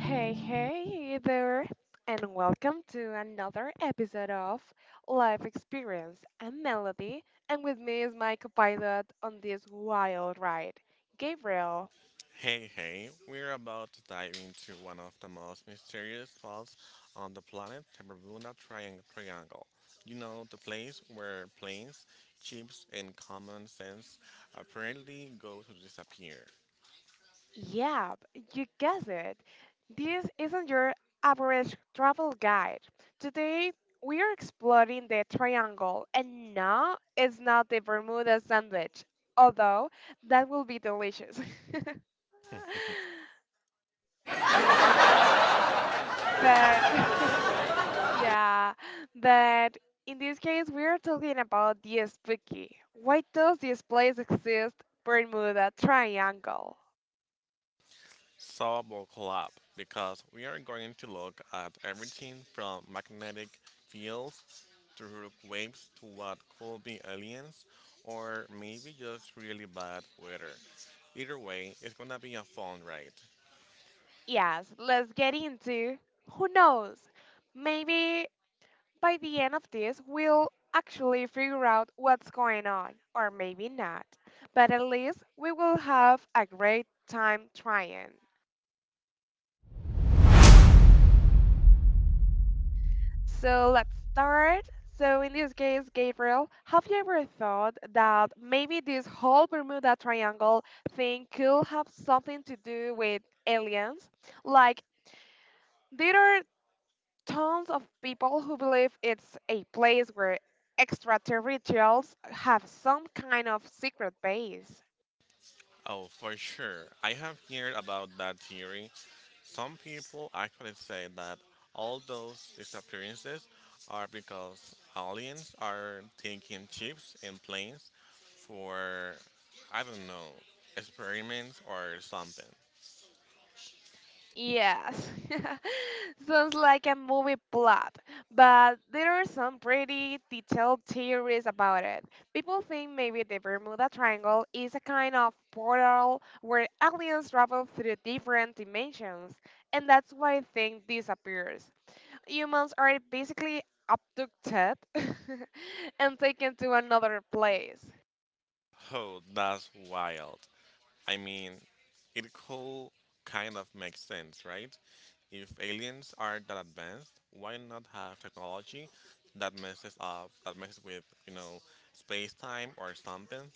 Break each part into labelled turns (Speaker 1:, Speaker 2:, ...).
Speaker 1: Hey, hey there, and welcome to another episode of Life Experience. And Melody, and with me is my co-pilot on this wild ride, Gabriel.
Speaker 2: Hey, hey, we're about to dive into one of the most mysterious spots on the planet, the Bermuda Triangle. You know, the place where planes, ships, and common sense apparently go to disappear.
Speaker 1: Yeah, you guessed it. This isn't your average travel guide. Today, we are exploring the triangle, and no, it's not the Bermuda sandwich, although that will be delicious. but Yeah, but in this case, we are talking about the spooky. Why does this place exist, Bermuda Triangle?
Speaker 2: So buckle up, because we are going to look at everything from magnetic fields to waves to what could be aliens or maybe just really bad weather. Either way, it's gonna be a fun ride.
Speaker 1: Yes, let's get into. Who knows? Maybe by the end of this, we'll actually figure out what's going on, or maybe not. But at least we will have a great time trying. So let's start. So in this case, Gabriel, have you ever thought that maybe this whole Bermuda Triangle thing could have something to do with aliens? Like there are tons of people who believe it's a place where extraterrestrials have some kind of secret base.
Speaker 2: Oh, for sure. I have heard about that theory. Some people actually say that all those disappearances are because aliens are taking chips and planes for, I don't know, experiments or something.
Speaker 1: Yes, sounds like a movie plot, but there are some pretty detailed theories about it. People think maybe the Bermuda Triangle is a kind of portal where aliens travel through different dimensions, and that's why things disappears. Humans are basically abducted and taken to another place.
Speaker 2: Oh, that's wild. I mean, it could kind of make sense, right? If aliens are that advanced, why not have technology that messes with, you know, space time or something?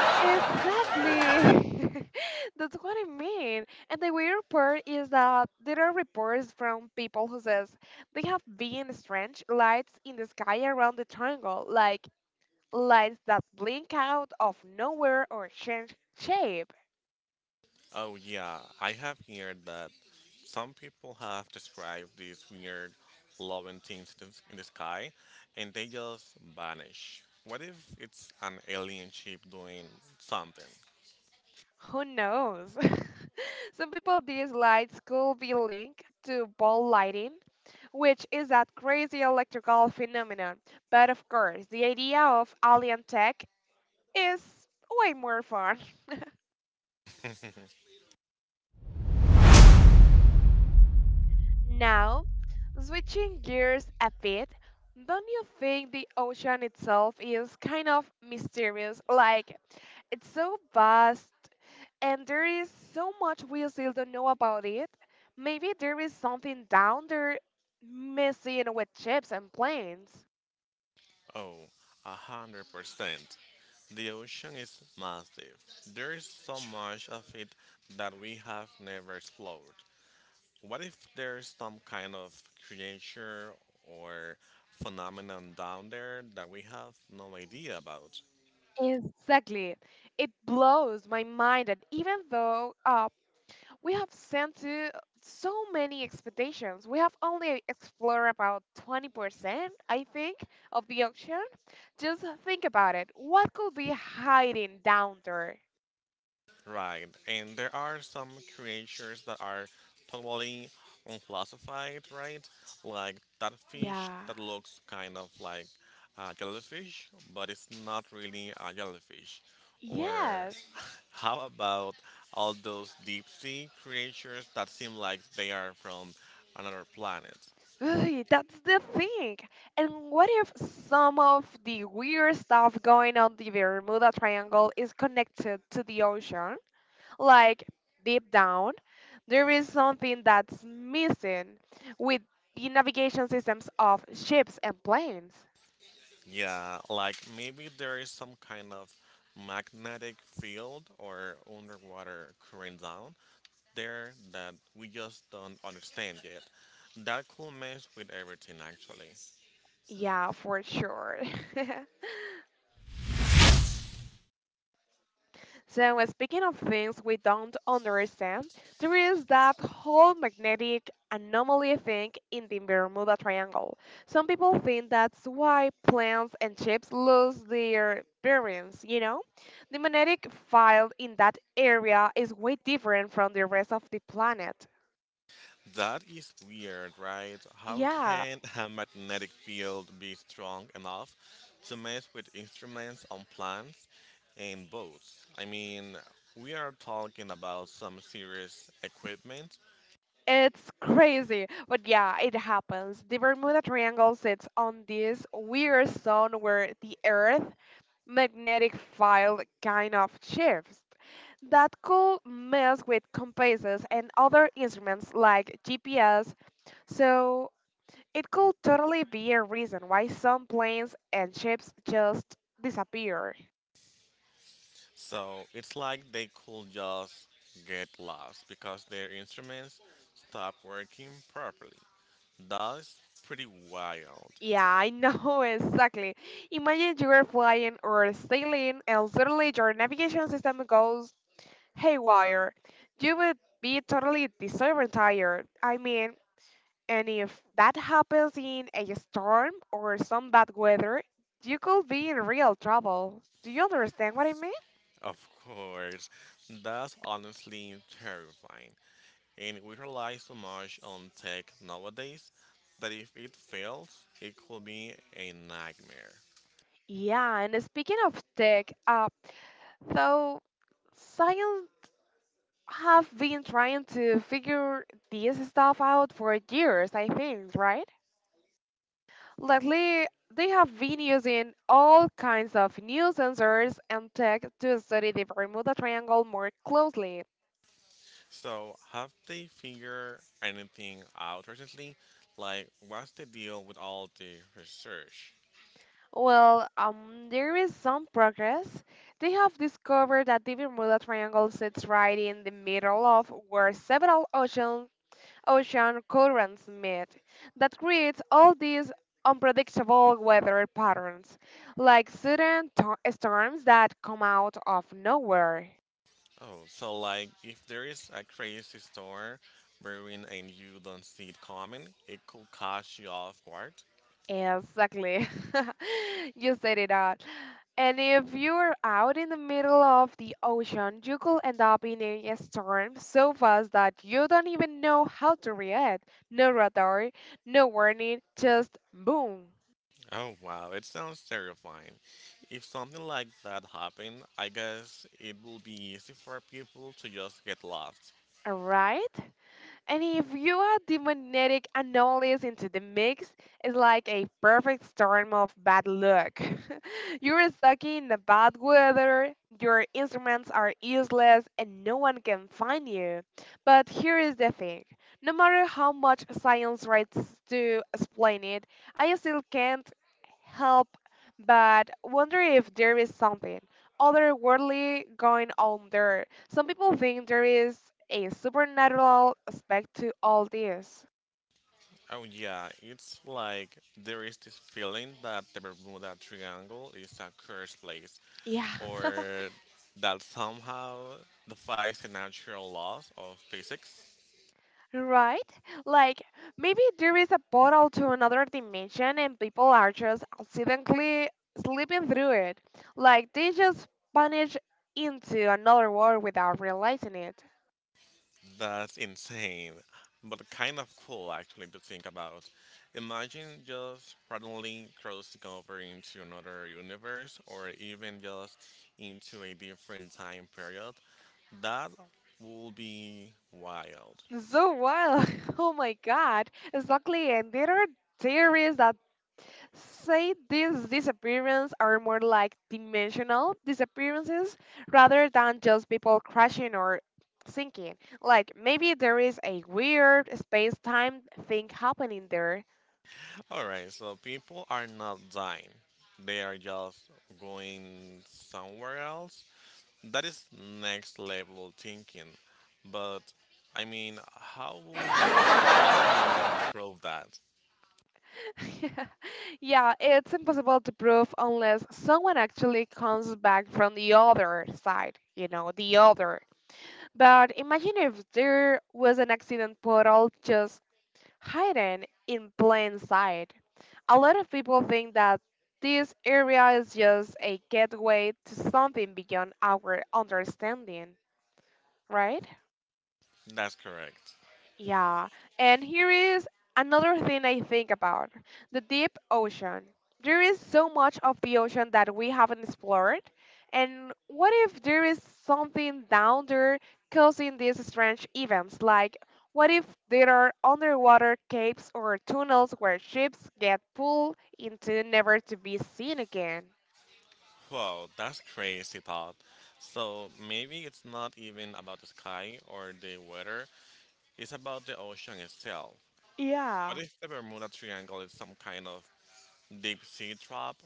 Speaker 1: Exactly. That's what I mean. And the weird part is that there are reports from people who says they have been strange lights in the sky around the triangle, like lights that blink out of nowhere or change shape.
Speaker 2: Oh, yeah, I have heard that some people have described these weird glowing things in the sky and they just vanish. What if it's an alien ship doing something?
Speaker 1: Who knows? Some people these lights could be linked to ball lighting, which is that crazy electrical phenomenon. But of course, the idea of alien tech is way more fun. Now, switching gears a bit, don't you think the ocean itself is kind of mysterious? Like, it's so vast and there is so much we still don't know about it. Maybe there is something down there messing with ships and planes.
Speaker 2: Oh, 100%. The ocean is massive. There is so much of it that we have never explored. What if there's some kind of creature or phenomenon down there that we have no idea about?
Speaker 1: Exactly. It blows my mind that even though we have sent to so many expeditions. We have only explored about 20%, I think, of the ocean. Just think about it. What could be hiding down there?
Speaker 2: Right, and there are some creatures that are totally unclassified, right? Like that fish
Speaker 1: Yeah.
Speaker 2: that looks kind of like a jellyfish, but it's not really a jellyfish. Or
Speaker 1: Yes.
Speaker 2: how about all those deep sea creatures that seem like they are from another planet?
Speaker 1: Ugh, that's the thing. And what if some of the weird stuff going on the Bermuda Triangle is connected to the ocean? Like deep down, there is something that's missing with the navigation systems of ships and planes.
Speaker 2: Yeah, like maybe there is some kind of magnetic field or underwater current down there that we just don't understand yet. That could mess with everything actually.
Speaker 1: Yeah, for sure. so, speaking of things we don't understand, there is that whole magnetic anomaly thing in the Bermuda Triangle. Some people think that's why planes and ships lose their bearings, you know? The magnetic field in that area is way different from the rest of the planet.
Speaker 2: That is weird, right? How
Speaker 1: Yeah,
Speaker 2: can a magnetic field be strong enough to mess with instruments on plants and boats? I mean, we are talking about some serious equipment.
Speaker 1: it's crazy. But yeah, it happens. The Bermuda Triangle sits on this weird zone where the Earth magnetic field kind of shifts. That could mess with compasses and other instruments like GPS. So it could totally be a reason why some planes and ships just disappear.
Speaker 2: So it's like they could just get lost because their instruments stop working properly. That's pretty wild.
Speaker 1: Yeah, I know, exactly. Imagine you are flying or sailing and suddenly your navigation system goes haywire. You would be totally disoriented. I mean, and if that happens in a storm or some bad weather, you could be in real trouble. Do you understand what I mean?
Speaker 2: Of course, that's honestly terrifying. And we rely so much on tech nowadays that if it fails, it could be a nightmare.
Speaker 1: Yeah, and speaking of tech, though science have been trying to figure this stuff out for years, I think, right? Lately, they have been using all kinds of new sensors and tech to study the Bermuda Triangle more closely.
Speaker 2: So, have they figured anything out recently? Like, what's the deal with all the research?
Speaker 1: Well, there is some progress. They have discovered that the Bermuda Triangle sits right in the middle of where several ocean currents meet. That creates all these unpredictable weather patterns, like storms that come out of nowhere.
Speaker 2: Oh, so like if there is a crazy storm brewing and you don't see it coming, it could catch you off guard.
Speaker 1: Exactly. You said it all. And if you're out in the middle of the ocean, you could end up in a storm so fast that you don't even know how to react. No radar, no warning, just boom.
Speaker 2: Oh wow, it sounds terrifying. If something like that happened, I guess it would be easy for people to just get lost.
Speaker 1: Right? And if you add the magnetic anomalies into the mix, it's like a perfect storm of bad luck. You're stuck in the bad weather, your instruments are useless, and no one can find you. But here is the thing no matter how much science writes to explain it, I still can't help but wonder if there is something otherworldly going on there. Some people think there is a supernatural aspect to all this.
Speaker 2: Oh yeah, it's like there is this feeling that the Bermuda Triangle is a cursed place,
Speaker 1: Yeah,
Speaker 2: or that somehow defies the natural laws of physics.
Speaker 1: right? Like, maybe there is a portal to another dimension and people are just accidentally slipping through it. Like, they just vanish into another world without realizing it.
Speaker 2: That's insane, but kind of cool actually to think about. Imagine just randomly crossing over into another universe or even just into a different time period. That would be wild.
Speaker 1: So wild! Oh my god! Exactly, and there are theories that say these disappearances are more like dimensional disappearances rather than just people crashing or sinking. Like maybe there is a weird space time thing happening there.
Speaker 2: Alright, so people are not dying, they are just going somewhere else. That is next level thinking, but I mean, how will we even improve that?
Speaker 1: yeah, it's impossible to prove unless someone actually comes back from the other side, you know, the other. But imagine if there was an accident portal just hidden in plain sight. A lot of people think that this area is just a gateway to something beyond our understanding, right?
Speaker 2: That's correct.
Speaker 1: Yeah, and here is another thing I think about the deep ocean. There is so much of the ocean that we haven't explored. And what if there is something down there causing these strange events? Like, what if there are underwater caves or tunnels where ships get pulled into never to be seen again?
Speaker 2: Wow, that's crazy thought. So maybe it's not even about the sky or the weather, it's about the ocean itself. What
Speaker 1: Yeah.
Speaker 2: if the Bermuda Triangle is some kind of deep sea trap?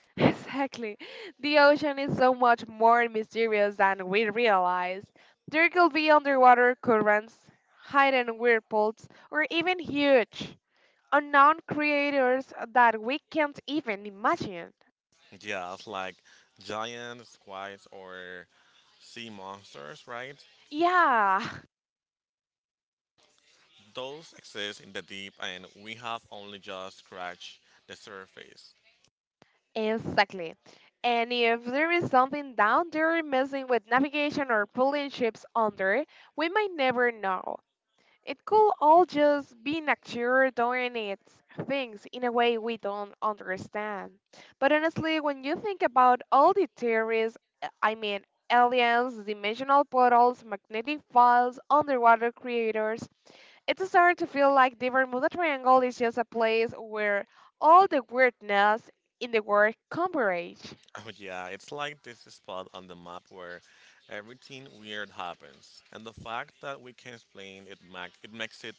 Speaker 1: Exactly. The ocean is so much more mysterious than we realize. There could be underwater currents, hidden whirlpools, or even huge, unknown creators that we can't even imagine.
Speaker 2: Yeah, it's like giant squids or sea monsters, right?
Speaker 1: Yeah,
Speaker 2: Those exist in the deep and we have only just scratched the surface.
Speaker 1: exactly. And if there is something down there messing with navigation or pulling ships under, we might never know. It could all just be nature doing its things in a way we don't understand. But honestly, when you think about all the theories, I mean, aliens, dimensional portals, magnetic files, underwater creators, it's starting to feel like the Bermuda Triangle is just a place where all the weirdness in the world converge.
Speaker 2: Oh yeah, it's like this spot on the map where everything weird happens, and the fact that we can explain it mac it makes it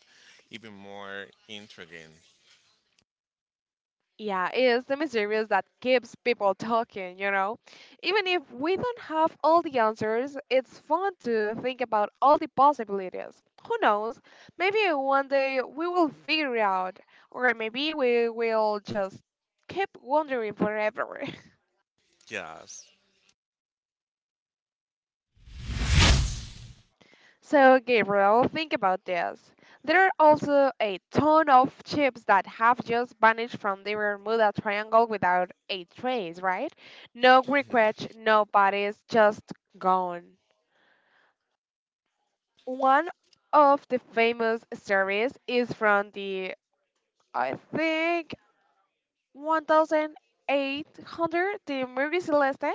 Speaker 2: even more intriguing.
Speaker 1: Yeah, it's the mysterious that keeps people talking, you know? Even if we don't have all the answers, it's fun to think about all the possibilities. Who knows? Maybe one day we will figure it out, or maybe we will just keep wondering forever.
Speaker 2: Yes.
Speaker 1: So, Gabriel, think about this. There are also a ton of chips that have just vanished from the Bermuda Triangle without a trace, right? No
Speaker 2: Hmm.
Speaker 1: wreckage, no bodies, just gone. One of the famous stories is from the, I think, 1800, the Mary Celeste.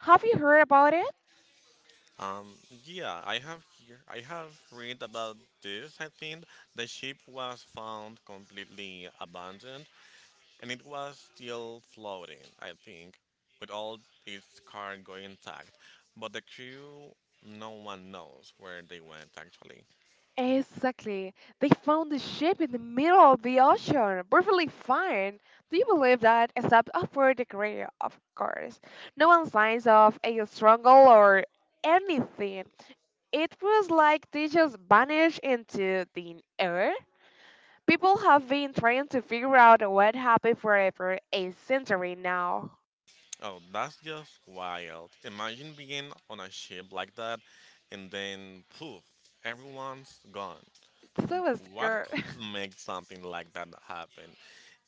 Speaker 1: Have you heard about it?
Speaker 2: Um. Yeah, I have here. I have read about this. I think the ship was found completely abandoned, and it was still floating. I think with all its cargo intact, but the crew, no one knows where they went actually.
Speaker 1: Exactly. They found the ship in the middle of the ocean, perfectly fine. Do you believe that? Except for the crew, of course. No one signs of a struggle or anything. It was like they just vanished into thin air. People have been trying to figure out what happened forever a century now.
Speaker 2: Oh, that's just wild. Imagine being on a ship like that and then poof, everyone's gone.
Speaker 1: It's so
Speaker 2: What
Speaker 1: scary.
Speaker 2: could make something like that happen?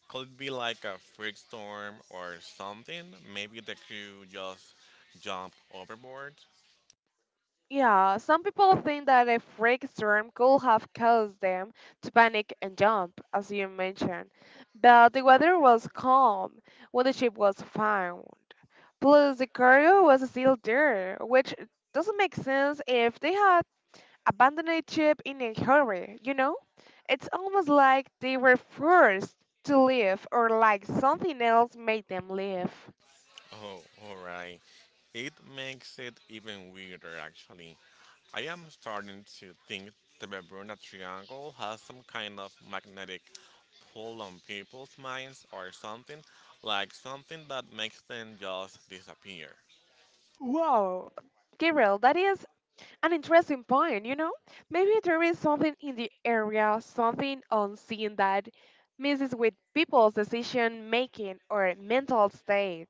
Speaker 2: Could be like a freak storm or something? Maybe the crew just jumped overboard?
Speaker 1: Yeah, some people think that a freak storm could have caused them to panic and jump, as you mentioned, but the weather was calm when the ship was found. Plus, the cargo was still there, which doesn't make sense if they had abandoned the ship in a hurry, you know? It's almost like they were forced to leave or like something else made them leave.
Speaker 2: Oh, alright. It makes it even weirder, actually. I am starting to think the Bermuda Triangle has some kind of magnetic pull on people's minds or something, like something that makes them just disappear.
Speaker 1: Wow, Gabriel, that is an interesting point, you know? Maybe there is something in the area, something unseen that messes with people's decision making or mental state.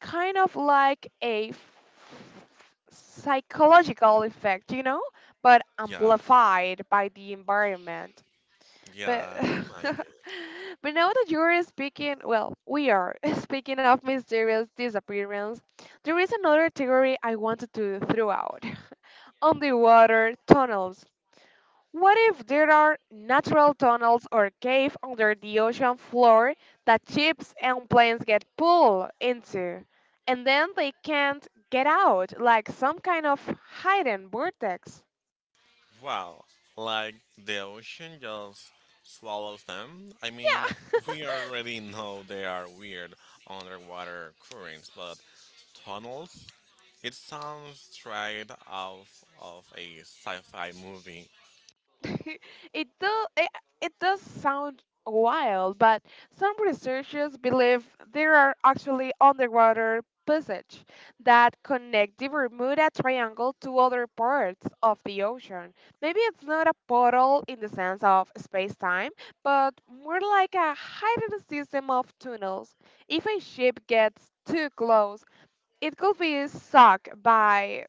Speaker 1: Kind of like a psychological effect, you know? But
Speaker 2: Yeah,
Speaker 1: amplified by the environment. But
Speaker 2: yeah, it might be.
Speaker 1: but now that you're speaking, well, we are speaking of mysterious disappearance, there is another theory I wanted to throw out underwater tunnels. What if there are natural tunnels or caves under the ocean floor that ships and planes get pulled into, and then they can't get out, like some kind of hidden vortex?
Speaker 2: Wow, like the ocean just swallows them? I mean,
Speaker 1: Yeah.
Speaker 2: we already know there are weird underwater currents, but tunnels? It sounds straight out of a sci fi movie.
Speaker 1: it does. It does sound wild, but some researchers believe there are actually underwater passage that connect the Bermuda Triangle to other parts of the ocean. Maybe it's not a portal in the sense of space-time, but more like a hidden system of tunnels. If a ship gets too close, it could be sucked by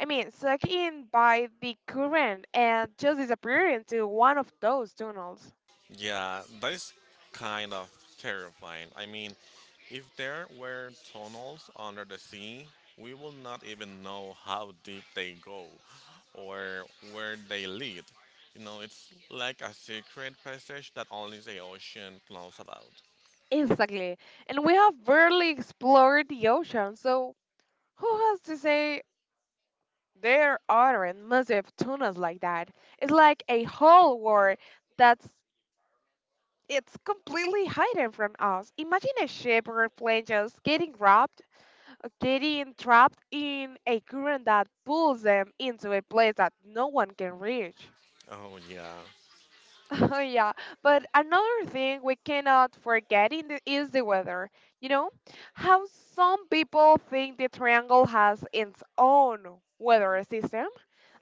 Speaker 1: I mean, sucked in by the current and just disappear into one of those tunnels.
Speaker 2: Yeah, that is kind of terrifying. I mean, if there were tunnels under the sea, we will not even know how deep they go or where they lead. You know, it's like a secret passage that only the ocean knows about.
Speaker 1: Exactly. And we have barely explored the ocean, so who has to say there aren't massive tunnels like that? It's like a whole world that's it's completely hidden from us. Imagine a ship or a plane just getting trapped in a current that pulls them into a place that no one can reach.
Speaker 2: Oh, yeah.
Speaker 1: Oh yeah, but another thing we cannot forget in the, is the weather. You know how some people think the triangle has its own weather system,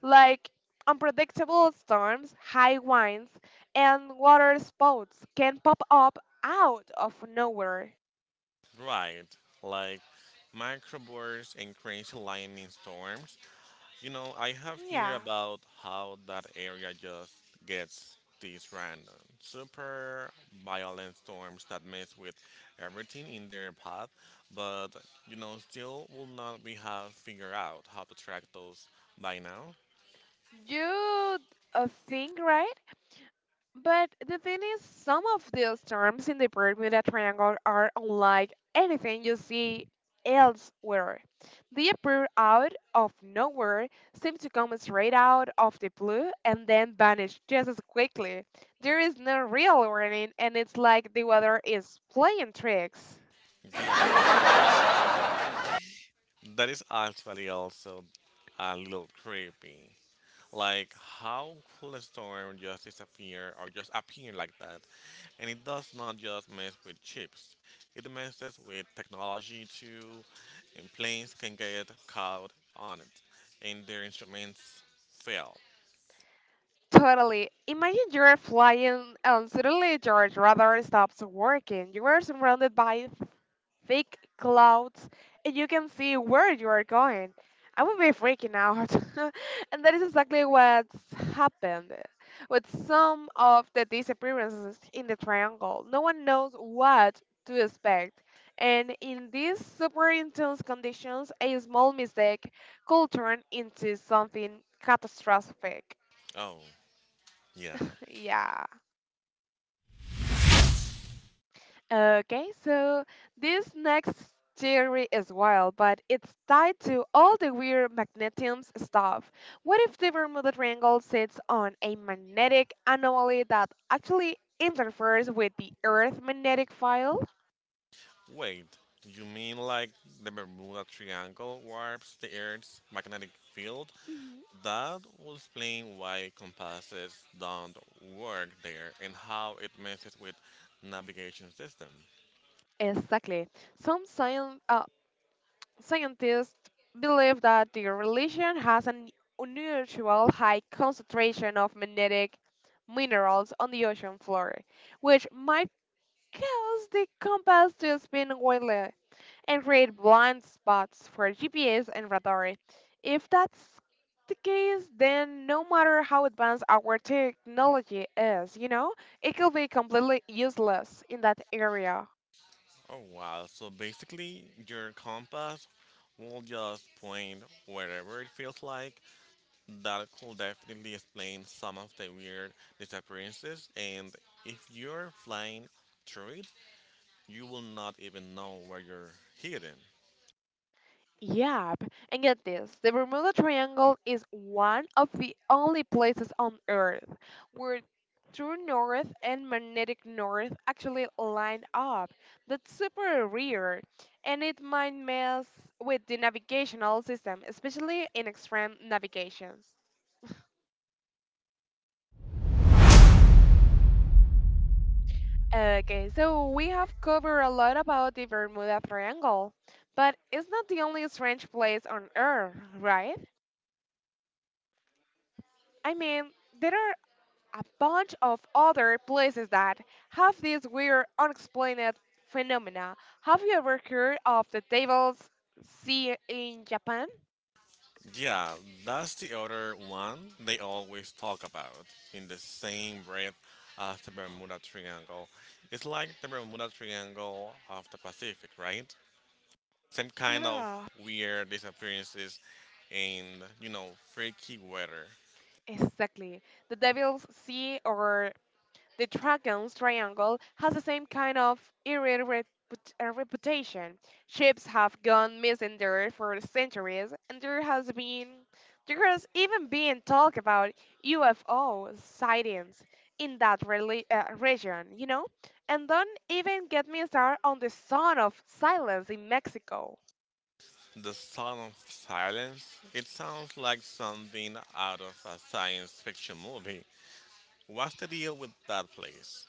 Speaker 1: like unpredictable storms, high winds, and water spouts can pop up out of nowhere.
Speaker 2: Right, like microbursts and crazy lightning storms. You know, I have heard
Speaker 1: Yeah,
Speaker 2: about how that area just gets these random, super violent storms that mess with everything in their path, but still will not be have figured out how to track those by now.
Speaker 1: you think right? But the thing is, some of those terms in the Bermuda Triangle are unlike anything you see elsewhere. They appear out of nowhere, seem to come straight out of the blue, and then vanish just as quickly. There is no real warning, and it's like the weather is playing tricks.
Speaker 2: Yeah, but that is actually also a little creepy. Like how could a storm just disappear or just appear like that? And it does not just mess with chips. It messes with technology too, and planes can get caught on it, and their instruments fail.
Speaker 1: Totally. Imagine you're flying and suddenly your radar stops working. You are surrounded by thick clouds and you can see where you are going. I would be freaking out. And that is exactly what's happened with some of the disappearances in the triangle. No one knows what to expect. And in these super intense conditions, a small mistake could turn into something catastrophic.
Speaker 2: Oh yeah.
Speaker 1: Yeah. Okay, so this next theory is wild, but it's tied to all the weird magnetiums stuff. What if the Bermuda Triangle sits on a magnetic anomaly that actually interferes with the Earth's magnetic field?
Speaker 2: Wait, do you mean like the Bermuda Triangle warps the Earth's magnetic field?
Speaker 1: Mhm.
Speaker 2: That will explain why compasses don't work there and how it messes with navigation system.
Speaker 1: Exactly. Some scien- uh, scientists believe that the religion has an unusual high concentration of magnetic minerals on the ocean floor, which might Because the compass to spin wildly and create blind spots for GPS and radar. If that's the case, then no matter how advanced our technology is, it could be completely useless in that area.
Speaker 2: Oh wow, so basically your compass will just point wherever it feels like. That could definitely explain some of the weird disappearances and if you're flying through it, you will not even know where you're hidden.
Speaker 1: Yep, and get this the Bermuda Triangle is one of the only places on Earth where true north and magnetic north actually line up. That's super rare, and it might mess with the navigational system, especially in extreme navigations. Okay, so we have covered a lot about the Bermuda Triangle, but it's not the only strange place on Earth, right? I mean, there are a bunch of other places that have these weird unexplained phenomena. Have you ever heard of the Devil's Sea in Japan?
Speaker 2: Yeah, that's the other one they always talk about in the same breath as the Bermuda Triangle. It's like the Bermuda Triangle of the Pacific, right? Same kind of
Speaker 1: Yeah.
Speaker 2: weird disappearances and, freaky weather.
Speaker 1: Exactly. The Devil's Sea or The Dragon's Triangle has the same kind of reputation. Ships have gone missing there for centuries, and there has even been talk about UFO sightings in region, you know? And don't even get me started on the Son of Silence in Mexico.
Speaker 2: The sound of silence, it sounds like something out of a science fiction movie. What's the deal with that place?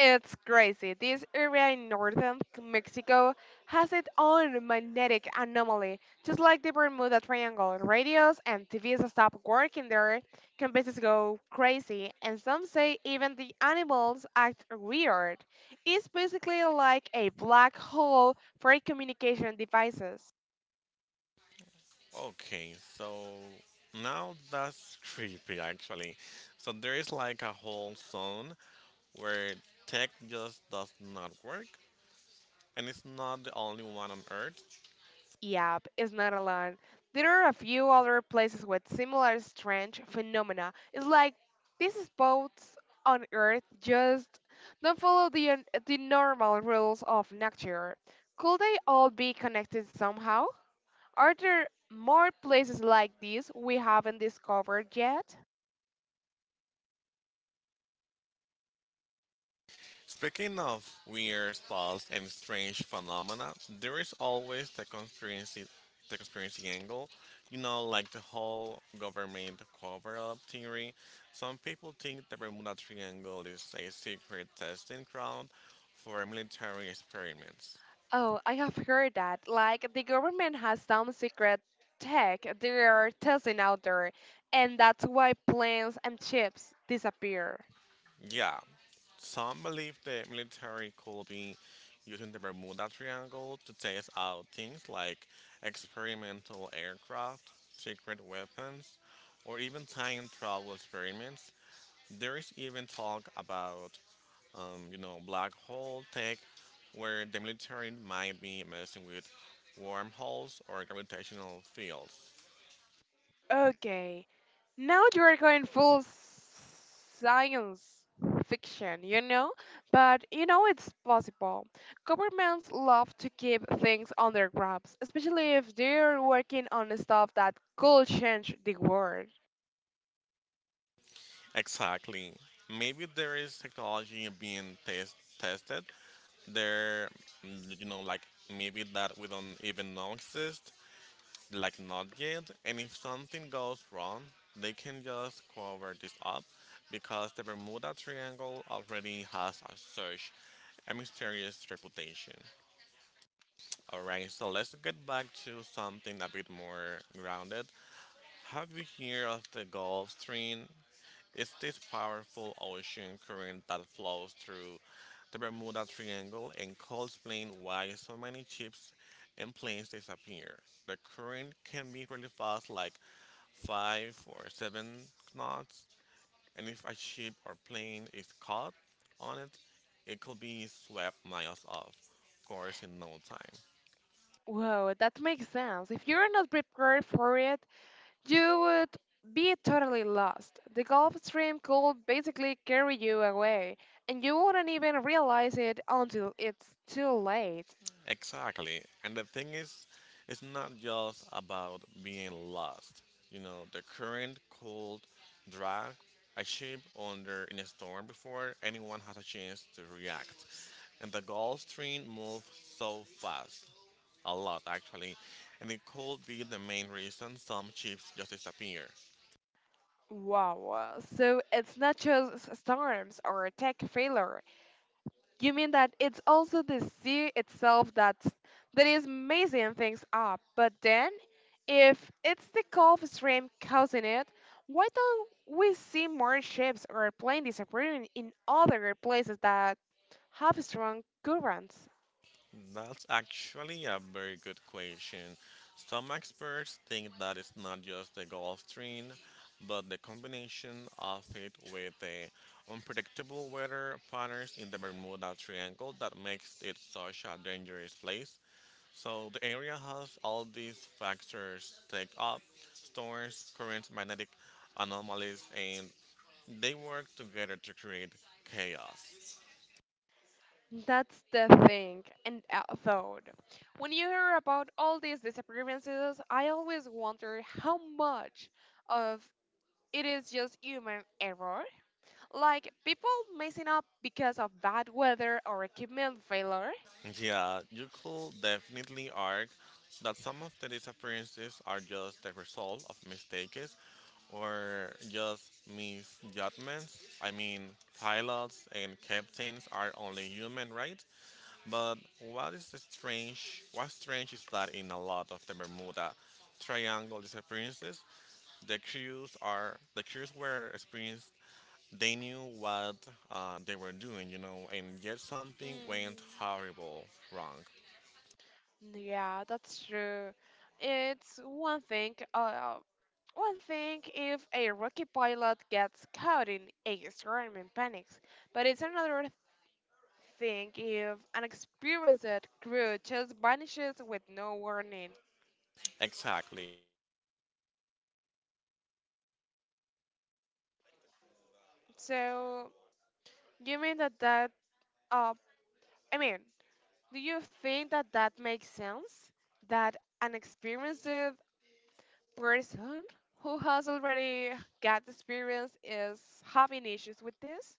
Speaker 1: It's crazy. This area in northern Mexico has its own magnetic anomaly, just like the Bermuda Triangle. Radios and TVs stop working there, computers go crazy, and some say even the animals act weird. It's basically like a black hole for communication devices.
Speaker 2: Okay, so now that's creepy actually. So there is like a whole zone where tech just does not work, and it's not the only one on Earth.
Speaker 1: Yep, it's not alone. There are a few other places with similar strange phenomena. It's like these spots on Earth just don't follow the normal rules of nature. Could they all be connected somehow? Are there more places like this we haven't discovered yet?
Speaker 2: Speaking of weird thoughts and strange phenomena, there is always the conspiracy angle. You know, like the whole government cover-up theory. Some people think the Bermuda Triangle is a secret testing ground for military experiments.
Speaker 1: Oh, I have heard that. Like the government has some secret tech they are testing out there, and that's why planes and ships disappear.
Speaker 2: Yeah, some believe the military could be using the Bermuda Triangle to test out things like experimental aircraft, secret weapons, or even time travel experiments. There is even talk about, you know, black hole tech, where the military might be messing with wormholes or gravitational fields.
Speaker 1: Okay. Now you are going full science fiction, you know? But you know it's possible. Governments love to keep things under wraps, especially if they're working on stuff that could change the world.
Speaker 2: Exactly. Maybe there is technology being tested. There, you know, like maybe that we don't even know exist, like not yet. And if something goes wrong, they can just cover this up because the Bermuda Triangle already has a mysterious reputation. All right, so let's get back to something a bit more grounded. Have you heard of the Gulf Stream? It's this powerful ocean current that flows through the Bermuda Triangle and could explain why so many ships and planes disappear. The current can be really fast, like 5 or 7 knots, and if a ship or plane is caught on it, it could be swept miles off course in no time.
Speaker 1: Whoa, that makes sense. If you're not prepared for it, you would be totally lost. The Gulf Stream could basically carry you away, and you wouldn't even realize it until it's too late.
Speaker 2: Exactly. And the thing is, it's not just about being lost. You know, the current could drag a ship under in a storm before anyone has a chance to react. And the Gulf Stream moves so fast, a lot actually, and it could be the main reason some ships just disappear.
Speaker 1: Wow, wow. So it's not just storms or tech failure. You mean that it's also the sea itself that's, that, is messing things up. But then, if it's the Gulf Stream causing it, why don't we see more ships or planes disappearing in other places that have strong currents?
Speaker 2: That's actually a very good question. Some experts think that it's not just the Gulf Stream, but the combination of it with the unpredictable weather patterns in the Bermuda Triangle that makes it such a dangerous place. So the area has all these factors take up storms, currents, magnetic anomalies, and they work together to create chaos.
Speaker 1: That's the thing, and phone. when you hear about all these disappearances, I always wonder how much of it is just human error, like people messing up because of bad weather or equipment failure.
Speaker 2: Yeah, you could definitely argue that some of the disappearances are just the result of mistakes or just misjudgments. I mean, pilots and captains are only human, right? But what is strange? What's strange is that in a lot of the Bermuda Triangle disappearances, the crews were experienced they knew what they were doing, you know, and yet something went
Speaker 1: Hmm.
Speaker 2: horrible wrong.
Speaker 1: Yeah, that's true. It's one thing. One thing if a rookie pilot gets caught in a storm and panics, but it's another think if an experienced crew just vanishes with no warning.
Speaker 2: Exactly.
Speaker 1: So, you mean that that, uh, I mean, do you think that that makes sense? That an experienced person who has already got experience is having issues with this?